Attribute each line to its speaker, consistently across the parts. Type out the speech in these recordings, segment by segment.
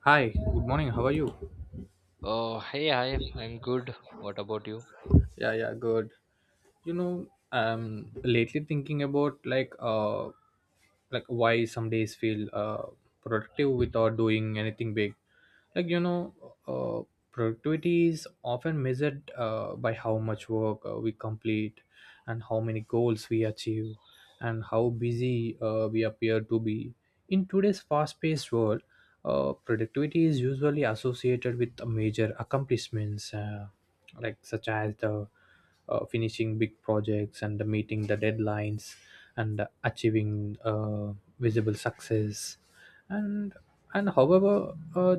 Speaker 1: Hi, good morning. How are you?
Speaker 2: Oh, hey, hi, I'm good. What about you?
Speaker 1: Yeah, yeah, good. you know I'm lately thinking about like why some days feel productive without doing anything big, like, uh productivity is often measured, by how much work, we complete, and how many goals we achieve, and how busy, we appear to be in today's fast-paced world. Productivity is usually associated with major accomplishments, like such as the finishing big projects and meeting the deadlines, and achieving visible success. And and however,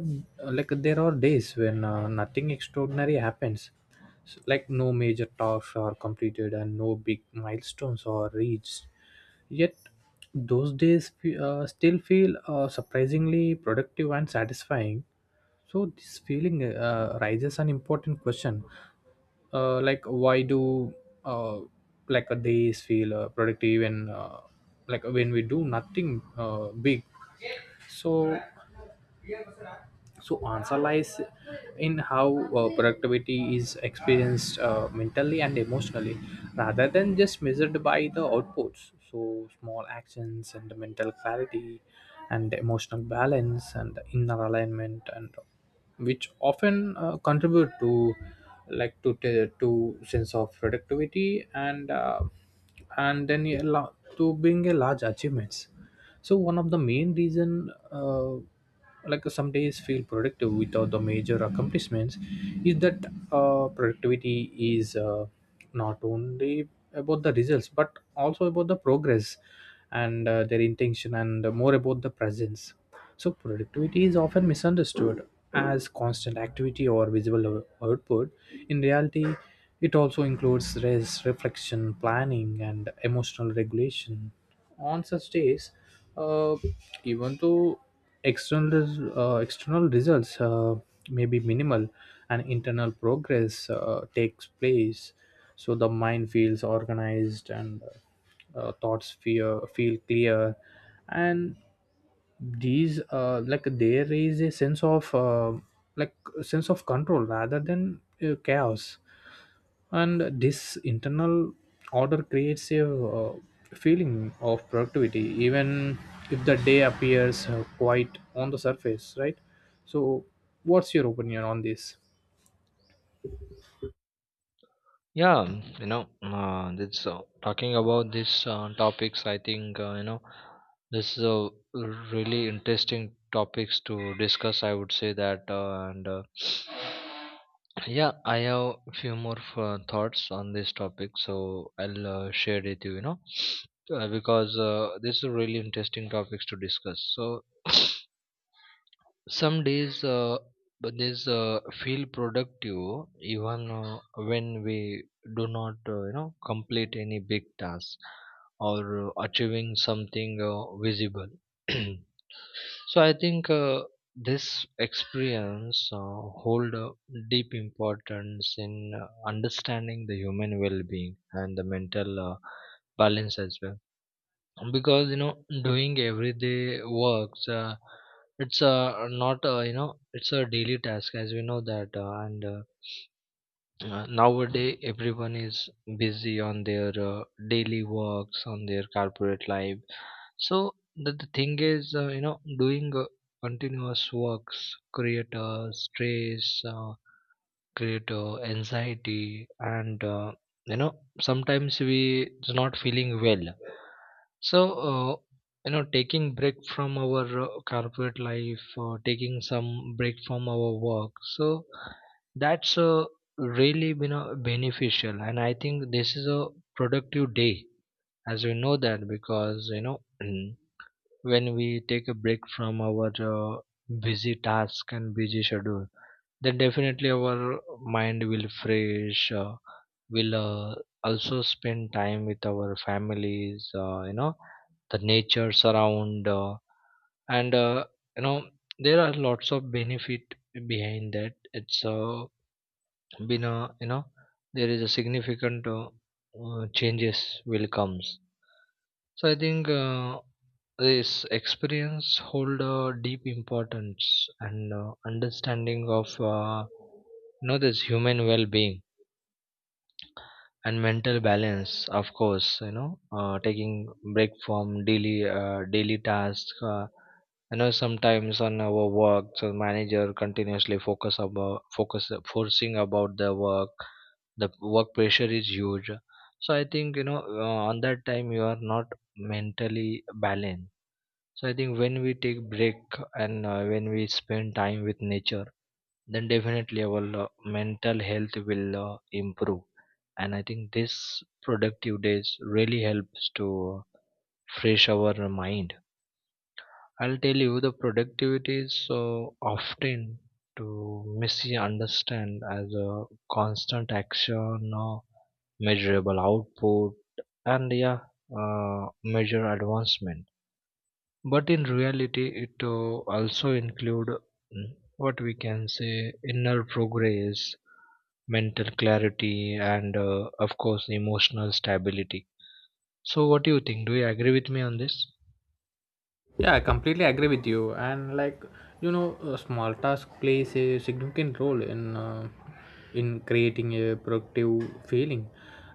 Speaker 1: like there are days when nothing extraordinary happens. Like no major tasks are completed and no big milestones are reached, yet those days still feel surprisingly productive and satisfying. So this feeling raises an important question: like why do uh, like days feel productive and like when we do nothing big? So so answer lies in how productivity is experienced mentally and emotionally, rather than just measured by the outputs. So small actions and mental clarity and emotional balance and inner alignment and which often contribute to, like, to to sense of productivity, and then you allow- to bring a large achievements. So one of the main reason like some days feel productive without the major accomplishments is that productivity is not only about the results but also about the progress, and their intention, and more about the presence. So productivity is often misunderstood as constant activity or visible output. In reality it also includes rest, reflection, planning, and emotional regulation. On such days, uh, even though external external results may be minimal, and internal progress takes place, so the mind feels organized, and thoughts feel clear, and these like there is a sense of like sense of control rather than chaos. And this internal order creates a feeling of productivity even if the day appears quite on the surface, right? So what's your opinion on this?
Speaker 2: Yeah, mm, this talking about these topics, I think this is a really interesting topics to discuss. I would say that, and yeah, I have few more thoughts on this topic, so I'll share with you. You know, because this is really interesting topics to discuss. So. Some days but this feel productive even when we do not complete any big task or achieving something visible. So I think this experience hold a deep importance in understanding the human well-being and the mental balance as well, because you know doing everyday works it's not, you know, it's a daily task, as we know that and Nowadays everyone is busy on their daily works on their corporate life. So the thing is, you know, doing continuous works create stress, create anxiety, and you know sometimes we is not feeling well. So uh, you know, taking break from our corporate life, or taking some break from our work, so that's really been a beneficial, and I think this is a productive day, as we know that, because you know when we take a break from our busy task and busy schedule, then definitely our mind will fresh. We'll also spend time with our families, you know, the natures around, and you know, there are lots of benefit behind that. It's Been a, you know, there is a significant changes will comes. So I think this experience hold a deep importance and understanding of, you know, this human well-being and mental balance. Of course, you know, taking break from daily tasks. You know, sometimes on our work, so manager continuously focus forcing about the work. The work pressure is huge. So I think, you know, on that time you are not mentally balanced. So I think when we take break and when we spend time with nature, then definitely our mental health will improve. And I think this productive days really helps to fresh our mind. I'll tell you, the productivity is so often to misunderstand as a constant action or measurable output and yeah, measure advancement, but in reality it also include, mm, what we can say, inner progress, mental clarity, and of course emotional stability. So what do you think, do you agree with me on this?
Speaker 1: Yeah, I completely agree with you. And, like, a small task plays a significant role in creating a productive feeling.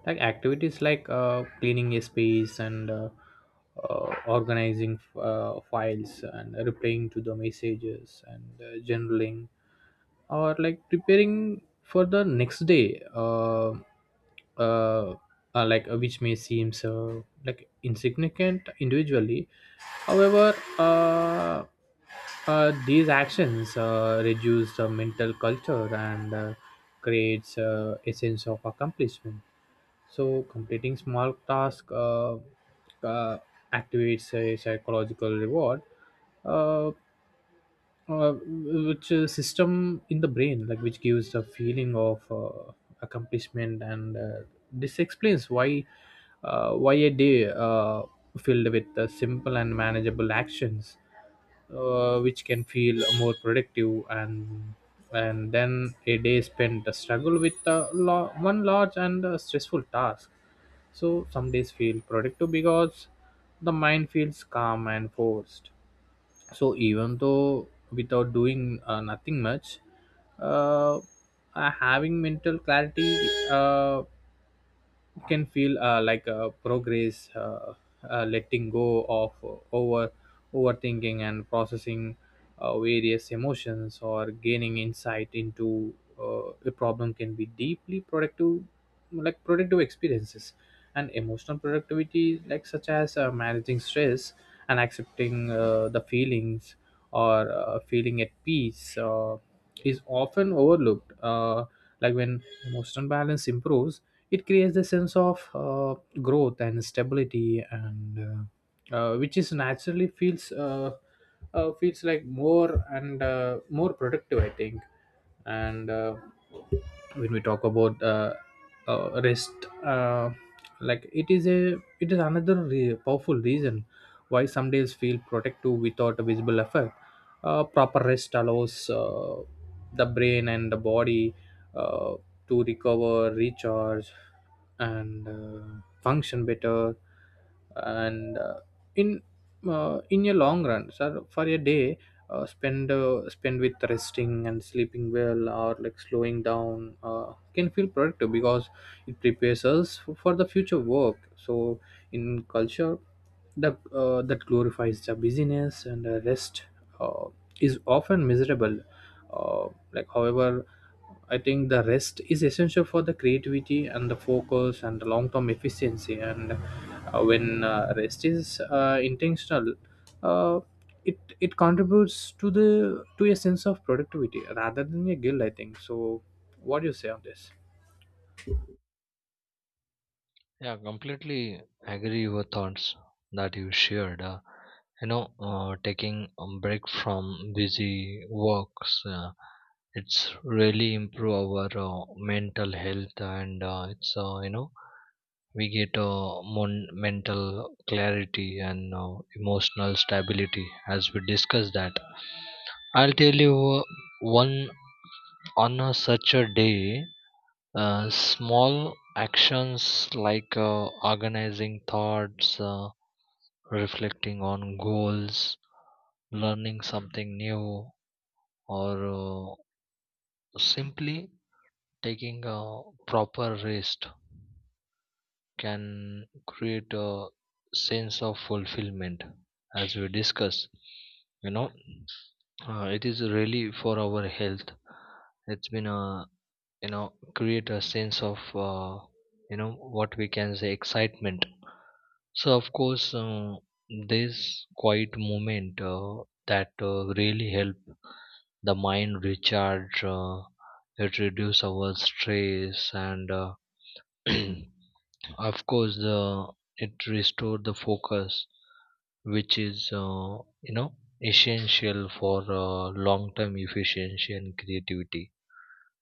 Speaker 1: Like activities like cleaning a space, and organizing files, and replying to the messages, and journaling, or like preparing for the next day uh, like which may seem so like insignificant individually. However these actions reduce the mental culture, and creates a sense of accomplishment. So completing small task uh, activates a psychological reward. Uh, which system in the brain, like which gives the feeling of accomplishment. And this explains why a day filled with simple and manageable actions which can feel more productive, and then a day spent a struggle with one large and stressful task. So some days feel productive because the mind feels calm and forced. So even though without doing nothing much uh, having mental clarity uh, can feel like a progress letting go of overthinking and processing various emotions, or gaining insight into a problem, can be deeply productive, like productive experiences. And emotional productivity, like such as managing stress and accepting the feelings, or feeling at peace is often overlooked. Like when emotional balance improves, it creates a sense of growth and stability, and which is naturally feels feels like more and more productive, I think. And when we talk about rest, like it is another powerful reason why some days feel protective without a visible effect. Proper rest allows the brain and the body uh, to recover, recharge, and function better. And in in a long run, sir, for a day spend with resting and sleeping well, or like slowing down can feel productive because it prepares us for the future work. So in culture, the that glorifies the busyness and the rest Uh, is often miserable. Like, however, I think the rest is essential for the creativity and the focus and the long-term efficiency. And when rest is intentional uh, it contributes to the to a sense of productivity rather than a guilt, I think. So, what do you say on this?
Speaker 2: Yeah, completely agree your thoughts that you shared. You know, Taking a break from busy works, it's really improve our mental health, and it's you know, we get mental clarity and emotional stability, as we discuss that. I'll tell you, one, on a such a day, small actions like organizing thoughts, reflecting on goals, learning something new, or uh, simply taking a proper rest, can create a sense of fulfillment, as we discuss, you know, it is really for our health. It's been a, you know, create a sense of, uh, you know what we can say, excitement. So of course this quiet moment that really help the mind recharge. It reduce our stress, and of course, it restored the focus, which is, you know, essential for long-term efficiency and creativity.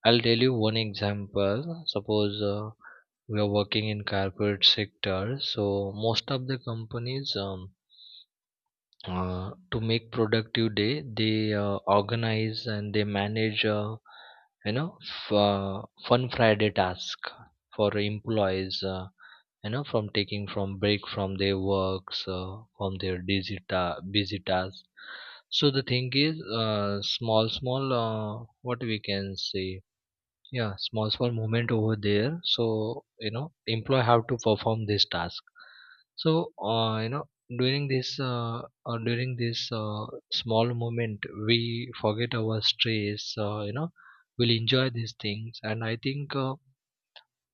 Speaker 2: I'll tell you one example. Suppose we are working in corporate sector, so most of the companies, to make productive day, they organize and they manage, you know f- uh, fun Friday task for employees. You know, from taking from break from their works, from their busy tasks. So the thing is, small small, what we can say, yeah, small small movement over there, so you know employee have to perform this task. So, you know, during this uh, during this small moment, we forget our stress. You know, we'll enjoy these things, and I think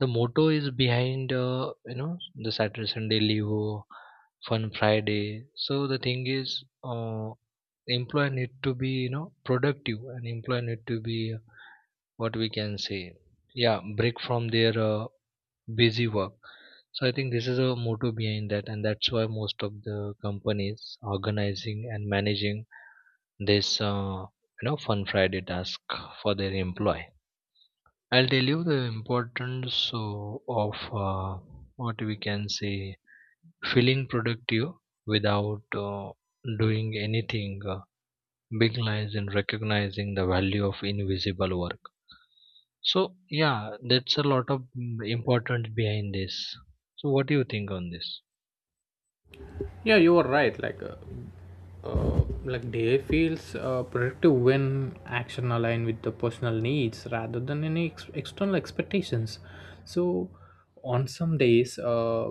Speaker 2: the motto is behind, you know, the Saturday Sunday Levo, Fun Friday. So the thing is, employer need to be, you know, productive, and employer need to be, what we can say, yeah, break from their busy work. So I think this is a motto behind that, and that's why most of the companies organizing and managing this, you know, Fun Friday task for their employee. I'll tell you the importance so, of, uh, what we can say, feeling productive without doing anything big lies, and recognizing the value of invisible work. So yeah, that's a lot of, mm, importance behind this. So what do you think on this?
Speaker 1: Yeah, you are right. Like like day feels productive when action align with the personal needs rather than any external expectations. So, on some days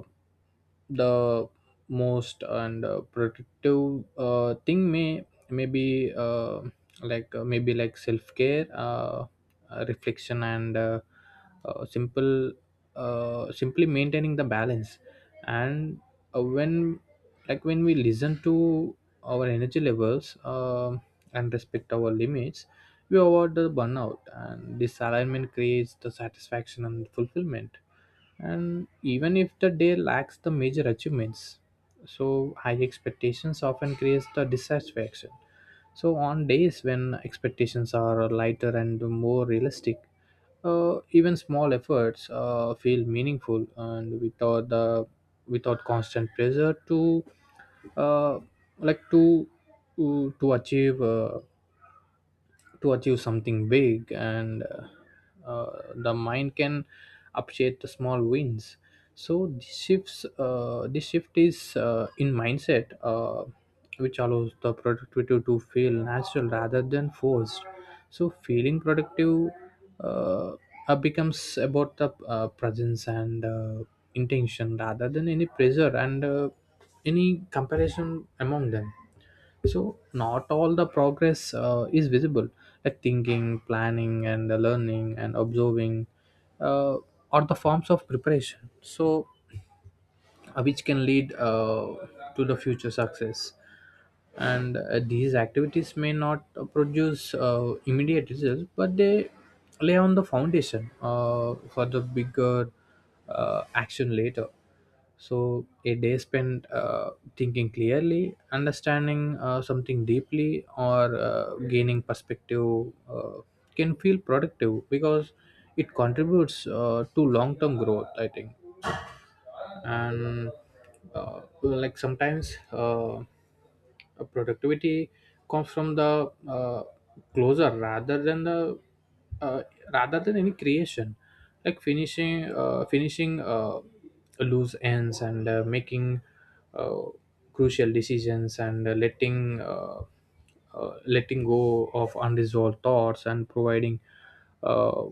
Speaker 1: the most and productive thing may maybe like maybe like self care reflection, and simple simply maintaining the balance, and when like when we listen to our energy levels and respect our limits, we avoid the burnout, and this alignment creates the satisfaction and fulfillment, and even if the day lacks the major achievements. So high expectations often creates the dissatisfaction. So on days when expectations are lighter and more realistic even small efforts feel meaningful, and without constant pressure to uh, like to achieve to achieve something big, and the mind can appreciate the small wins. So this shift is in mindset which allows the productivity to feel natural rather than forced. So feeling productive uh, becomes about the presence and intention rather than any pressure and any comparison among them. So not all the progress is visible, like thinking, planning, and the learning and observing uh, are the forms of preparation. So which can lead to the future success. And these activities may not produce immediate results, but they lay on the foundation for the bigger action later. So a day spent thinking clearly, understanding something deeply, or gaining perspective can feel productive because it contributes to long term growth, I think. And well, like sometimes productivity comes from the closer rather than the uh, rather than any creation, like finishing loose ends, and making uh, crucial decisions, and letting letting go of unresolved thoughts, and providing uh,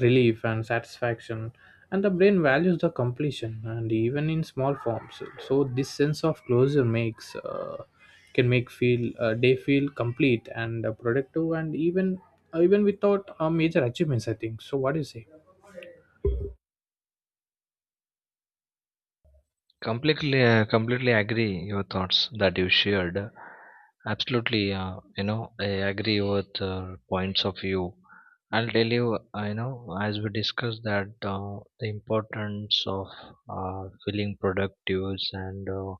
Speaker 1: relief and satisfaction. And the brain values the completion and even in small forms. So this sense of closure makes can make feel day feel complete and productive, and even even without major achievements, I think. So what do you say?
Speaker 2: Completely agree your thoughts that you shared. Absolutely, you know, I agree with points of view. I'll tell you, I know, as we discussed that the importance of feeling productive and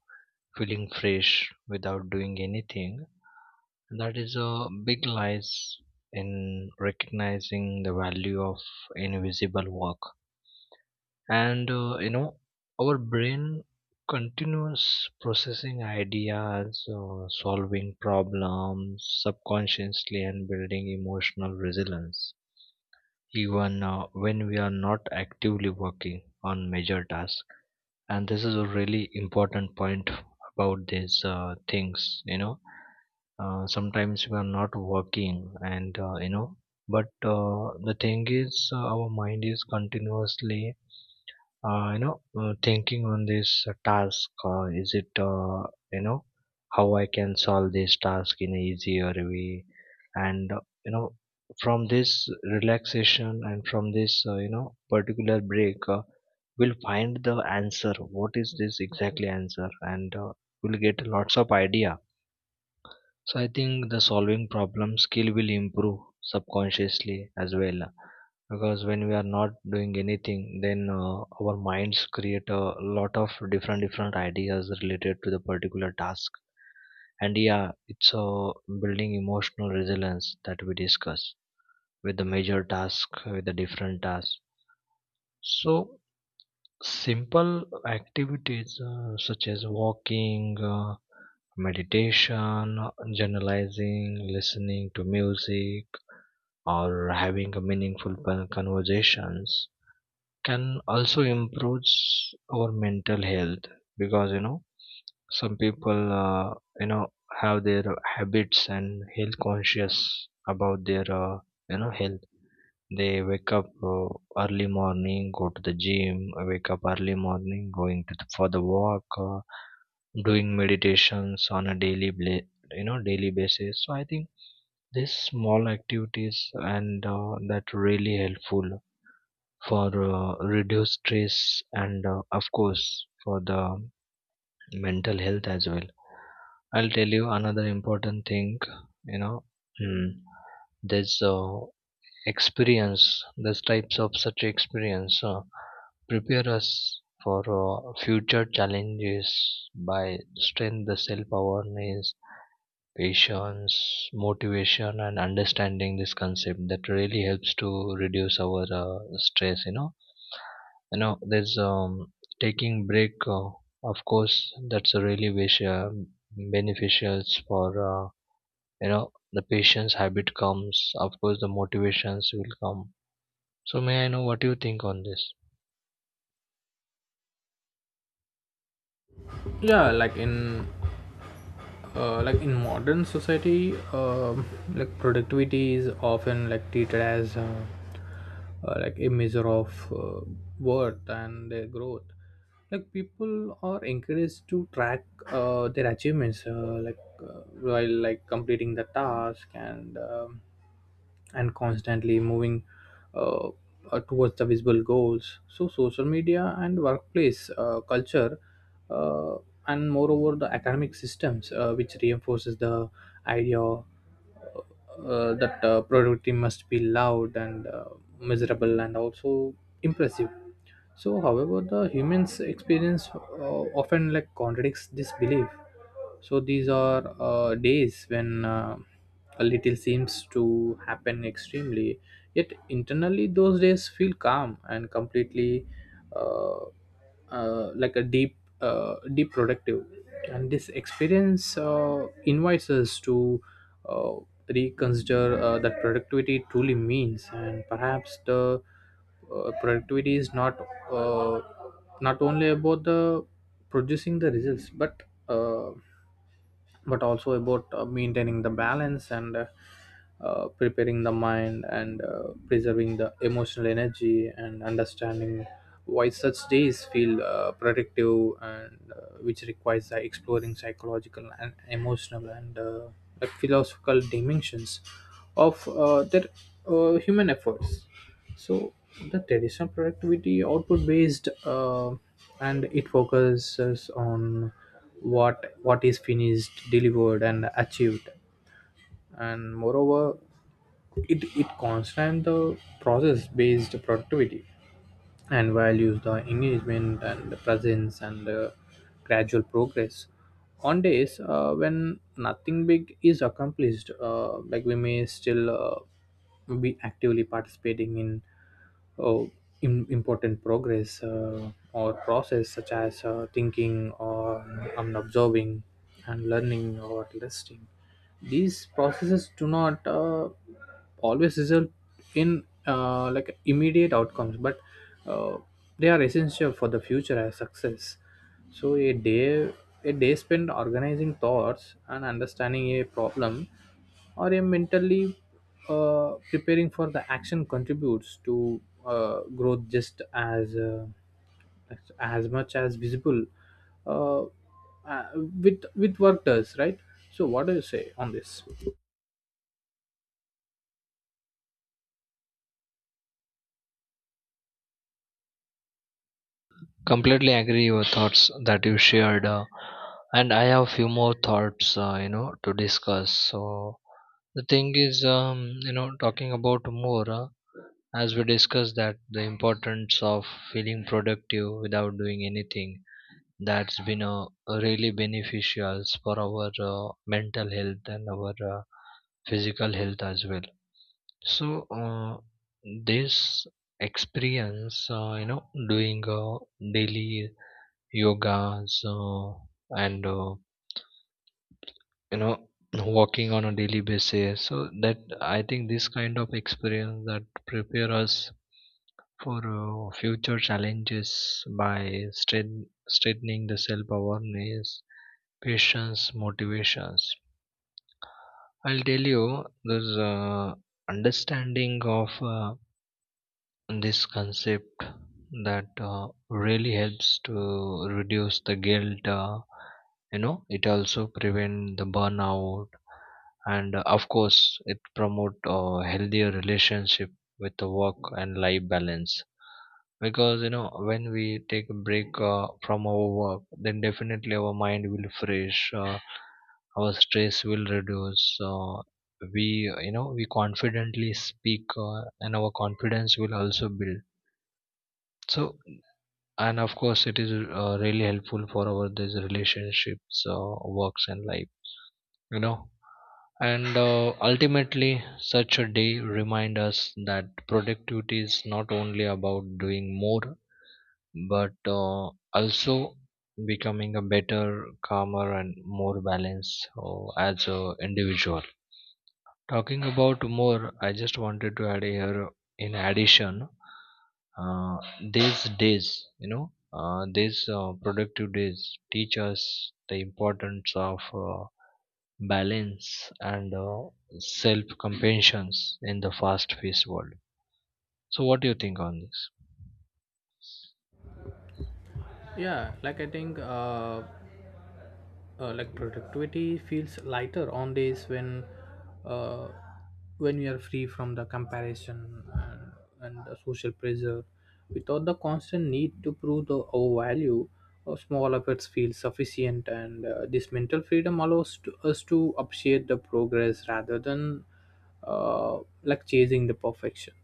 Speaker 2: feeling fresh without doing anything. That is a big lies in recognizing the value of invisible work. And you know, our brain continuous processing ideas, solving problems subconsciously, and building emotional resilience, even when we are not actively working on major tasks. And this is a really important point about these things. You know, sometimes we are not working, and you know, but the thing is, our mind is continuously, you know, thinking on this task, is it you know, how I can solve this task in an easier way. And you know, from this relaxation and from this, you know, particular break, we'll find the answer, what is this exactly answer. And we'll get lots of idea. So I think the solving problem skill will improve subconsciously as well, because when we are not doing anything, then our minds create a lot of different different ideas related to the particular task. And yeah, it's building emotional resilience that we discuss, with the major task, with the different tasks. So simple activities, such as walking, meditation, journalizing, listening to music, or having a meaningful conversations, can also improve our mental health. Because, you know, some people, you know, have their habits and health conscious about their, you know, health. They wake up, early morning, go to the gym, wake up early morning, going to the, for the walk, doing meditations on a you know, daily basis. So I think these small activities, and that really helpful for reduce stress, and of course for the mental health as well. I'll tell you another important thing. You know, mm, there's experience these types of such experience prepare us for future challenges by strengthening the self-awareness, patience, motivation, and understanding this concept that really helps to reduce our stress. You know, you know, there's, taking break, of course that's a really wish, beneficial for, you know, the patient's habit comes, of course the motivations will come. So may I know what you think on this?
Speaker 1: Yeah, like in modern society like productivity is often like treated as like a measure of worth and their growth. Like people are encouraged to track their achievements like uh, while like completing the task, and and constantly moving uh, towards the visible goals. So, social media and workplace culture uh, and moreover, the academic systems which reinforces the idea that productivity must be loud and miserable, and also impressive. So, however, the humans experience often like contradicts this belief. So these are days when a little seems to happen extremely, yet internally those days feel calm and completely uh, like a deep deep productive. And this experience invites us to uh, reconsider that productivity truly means, and perhaps the productivity is not uh, not only about the producing the results, uh, but also about maintaining the balance, and preparing the mind, and preserving the emotional energy, and understanding why such days feel productive, and which requires exploring psychological and emotional and like philosophical dimensions of their human efforts. So the traditional productivity output based and it focuses on what is finished, delivered, and achieved. And moreover it constrains the process-based productivity and values the engagement and the presence and the gradual progress. On days when nothing big is accomplished like we may still be actively participating in uh, important progress or process such as thinking or observing and learning or listening. These processes do not always result in like immediate outcomes, but uh, they are essential for the future as success. So a day spent organizing thoughts and understanding a problem, or a mentally preparing for the action contributes to growth just as much as visible uh, uh, with work does, right? So what do you say on this?
Speaker 2: Completely agree your thoughts that you shared, and I have few more thoughts, you know, to discuss. So the thing is, you know, talking about more, as we discussed that the importance of feeling productive without doing anything. That's been really beneficial for our mental health and our physical health as well. So this experience, you know, doing daily yogas, and you know, walking on a daily basis. So that I think this kind of experience that prepare us for future challenges by strengthening the self awareness, patience, motivations. I'll tell you this, understanding of, this concept that really helps to reduce the guilt. You know, it also prevent the burnout, and of course it promote a healthier relationship with the work and life balance. Because you know, when we take a break from our work, then definitely our mind will fresh. Our stress will reduce. Uh, we you know we confidently speak, and our confidence will also build. So, and of course it is really helpful for our these relationships, works and life, you know. And ultimately such a day remind us that productivity is not only about doing more, but also becoming a better, calmer and more balanced, as a individual. Talking about more, I just wanted to add here, in addition, these days, you know, these productive days teach us the importance of balance and self compassion in the fast paced world. So, what do you think on this?
Speaker 1: Yeah, like I think like productivity feels lighter on days uh when you are free from the comparison and the social pressure. Without the constant need to prove the our value small efforts feel sufficient, and this mental freedom allows us to appreciate the progress rather than like chasing the perfection.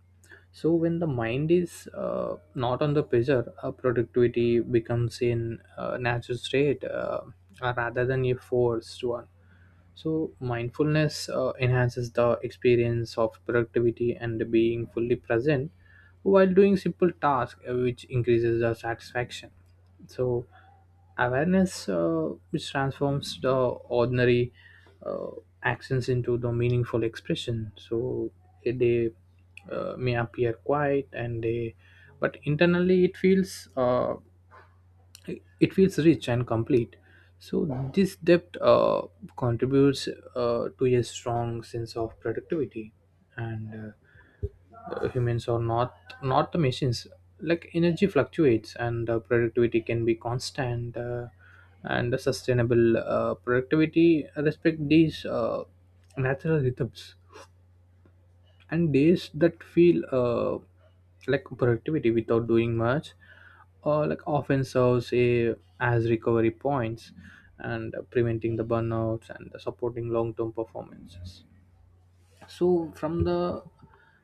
Speaker 1: So when the mind is not under pressure productivity becomes in natural state rather than a forced one. So mindfulness enhances the experience of productivity and being fully present while doing simple tasks which increases the satisfaction. So awareness which transforms the ordinary uh, actions into the meaningful expression. So they may appear quiet and they, but internally it feels rich and complete. So this depth contributes to a strong sense of productivity. And humans are not the machines, like energy fluctuates, and productivity can be constant and the sustainable productivity respect these natural rhythms. And days that feel like productivity without doing much like often serves as recovery points, and preventing the burnouts and supporting long-term performances. So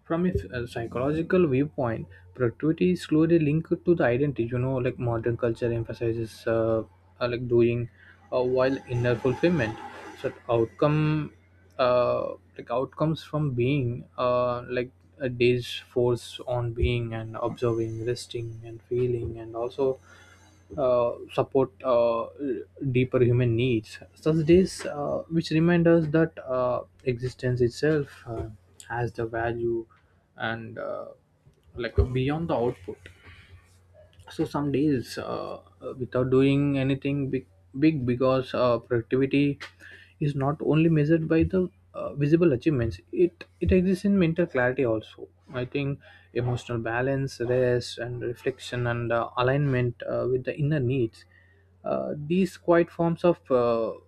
Speaker 1: from a psychological viewpoint, productivity is slowly linked to the identity. Like modern culture emphasizes like doing while inner fulfillment. So outcome like outcomes from being like a day's force on being and observing, resting and feeling, and also support deeper human needs. Such days which remind us that existence itself has the value, and like beyond the output. So some days without doing anything big because productivity is not only measured by the visible achievements. It exists in mental clarity also, I think, emotional balance, rest and reflection, and alignment with the inner needs. These quiet forms of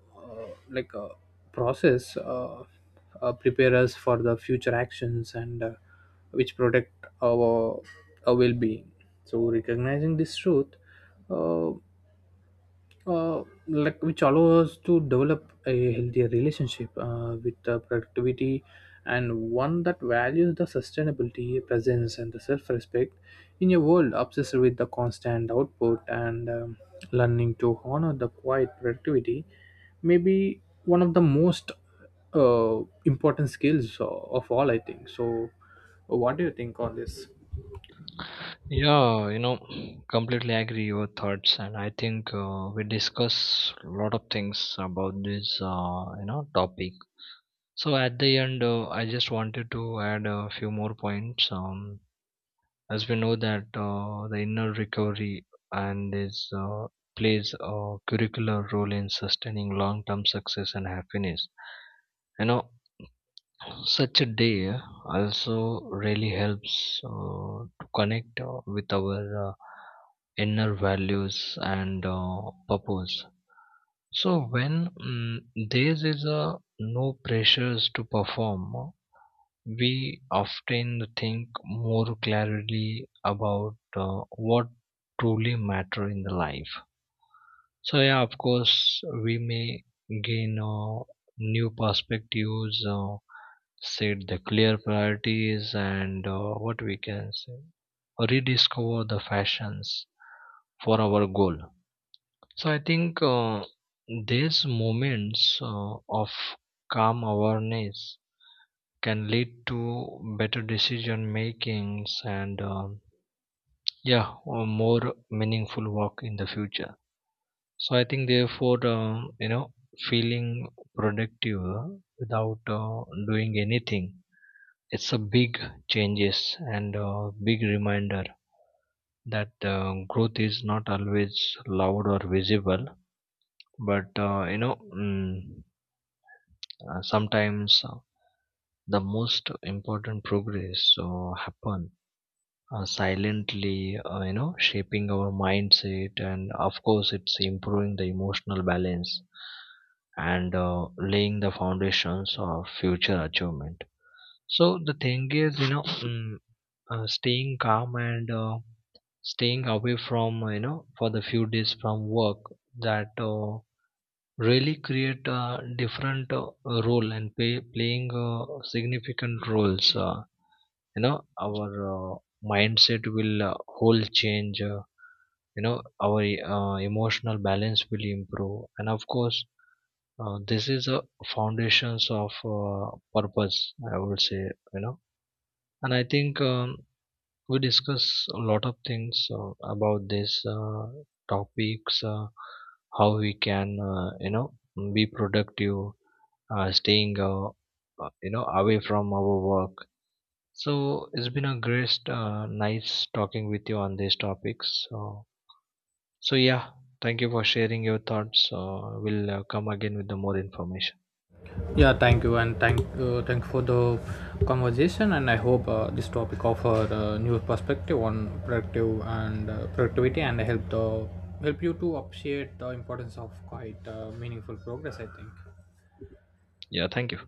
Speaker 1: like process prepare us for the future actions, and which protect our well-being. So recognizing this truth uh, like which allow us to develop a healthier relationship with productivity, and one that values the sustainability, presence, and the self-respect. In a world obsessed with the constant output, and learning to honor the quiet productivity may be one of the most uh, important skills of all, I think. So what do you think on this?
Speaker 2: Yeah, you know, completely agree your thoughts, and I think we discuss a lot of things about this, you know, topic. So at the end, I just wanted to add a few more points. As we know that the inner recovery and this, plays a curricular role in sustaining long-term success and happiness. You know, such a day also really helps to connect with our, inner values and purpose. So when, mm, there is a no pressures to perform, we often think more clearly about what truly matter in the life. So yeah, of course we may gain new perspectives, set the clear priorities, and what we can say, rediscover the fashions for our goal. So I think these moments of calm awareness can lead to better decision makings, and, yeah, or more meaningful work in the future. So I think therefore, you know, feeling productive without doing anything, it's a big changes and a big reminder that growth is not always loud or visible, but you know, mm, sometimes the most important progress happen silently. You know, shaping our mindset, and of course it's improving the emotional balance, and laying the foundations of future achievement. So the thing is, you know, mm, staying calm and staying away from, you know, for the few days from work, that really create a different role, and playing significant roles. You know, our mindset will whole change. You know, our emotional balance will improve, and of course this is a foundations of uh, purpose, I would say. You know, and I think, we discuss a lot of things about this topics, how we can, you know, be productive, staying you know, away from our work. So it's been a great, nice talking with you on these topics. So, so yeah, thank you for sharing your thoughts. We'll come again with the more information.
Speaker 1: Yeah, thank you, and thank for the conversation. And I hope this topic offer a new perspective on productive and productivity, and help you to appreciate the importance of quite meaningful progress, I think.
Speaker 2: Yeah, thank you.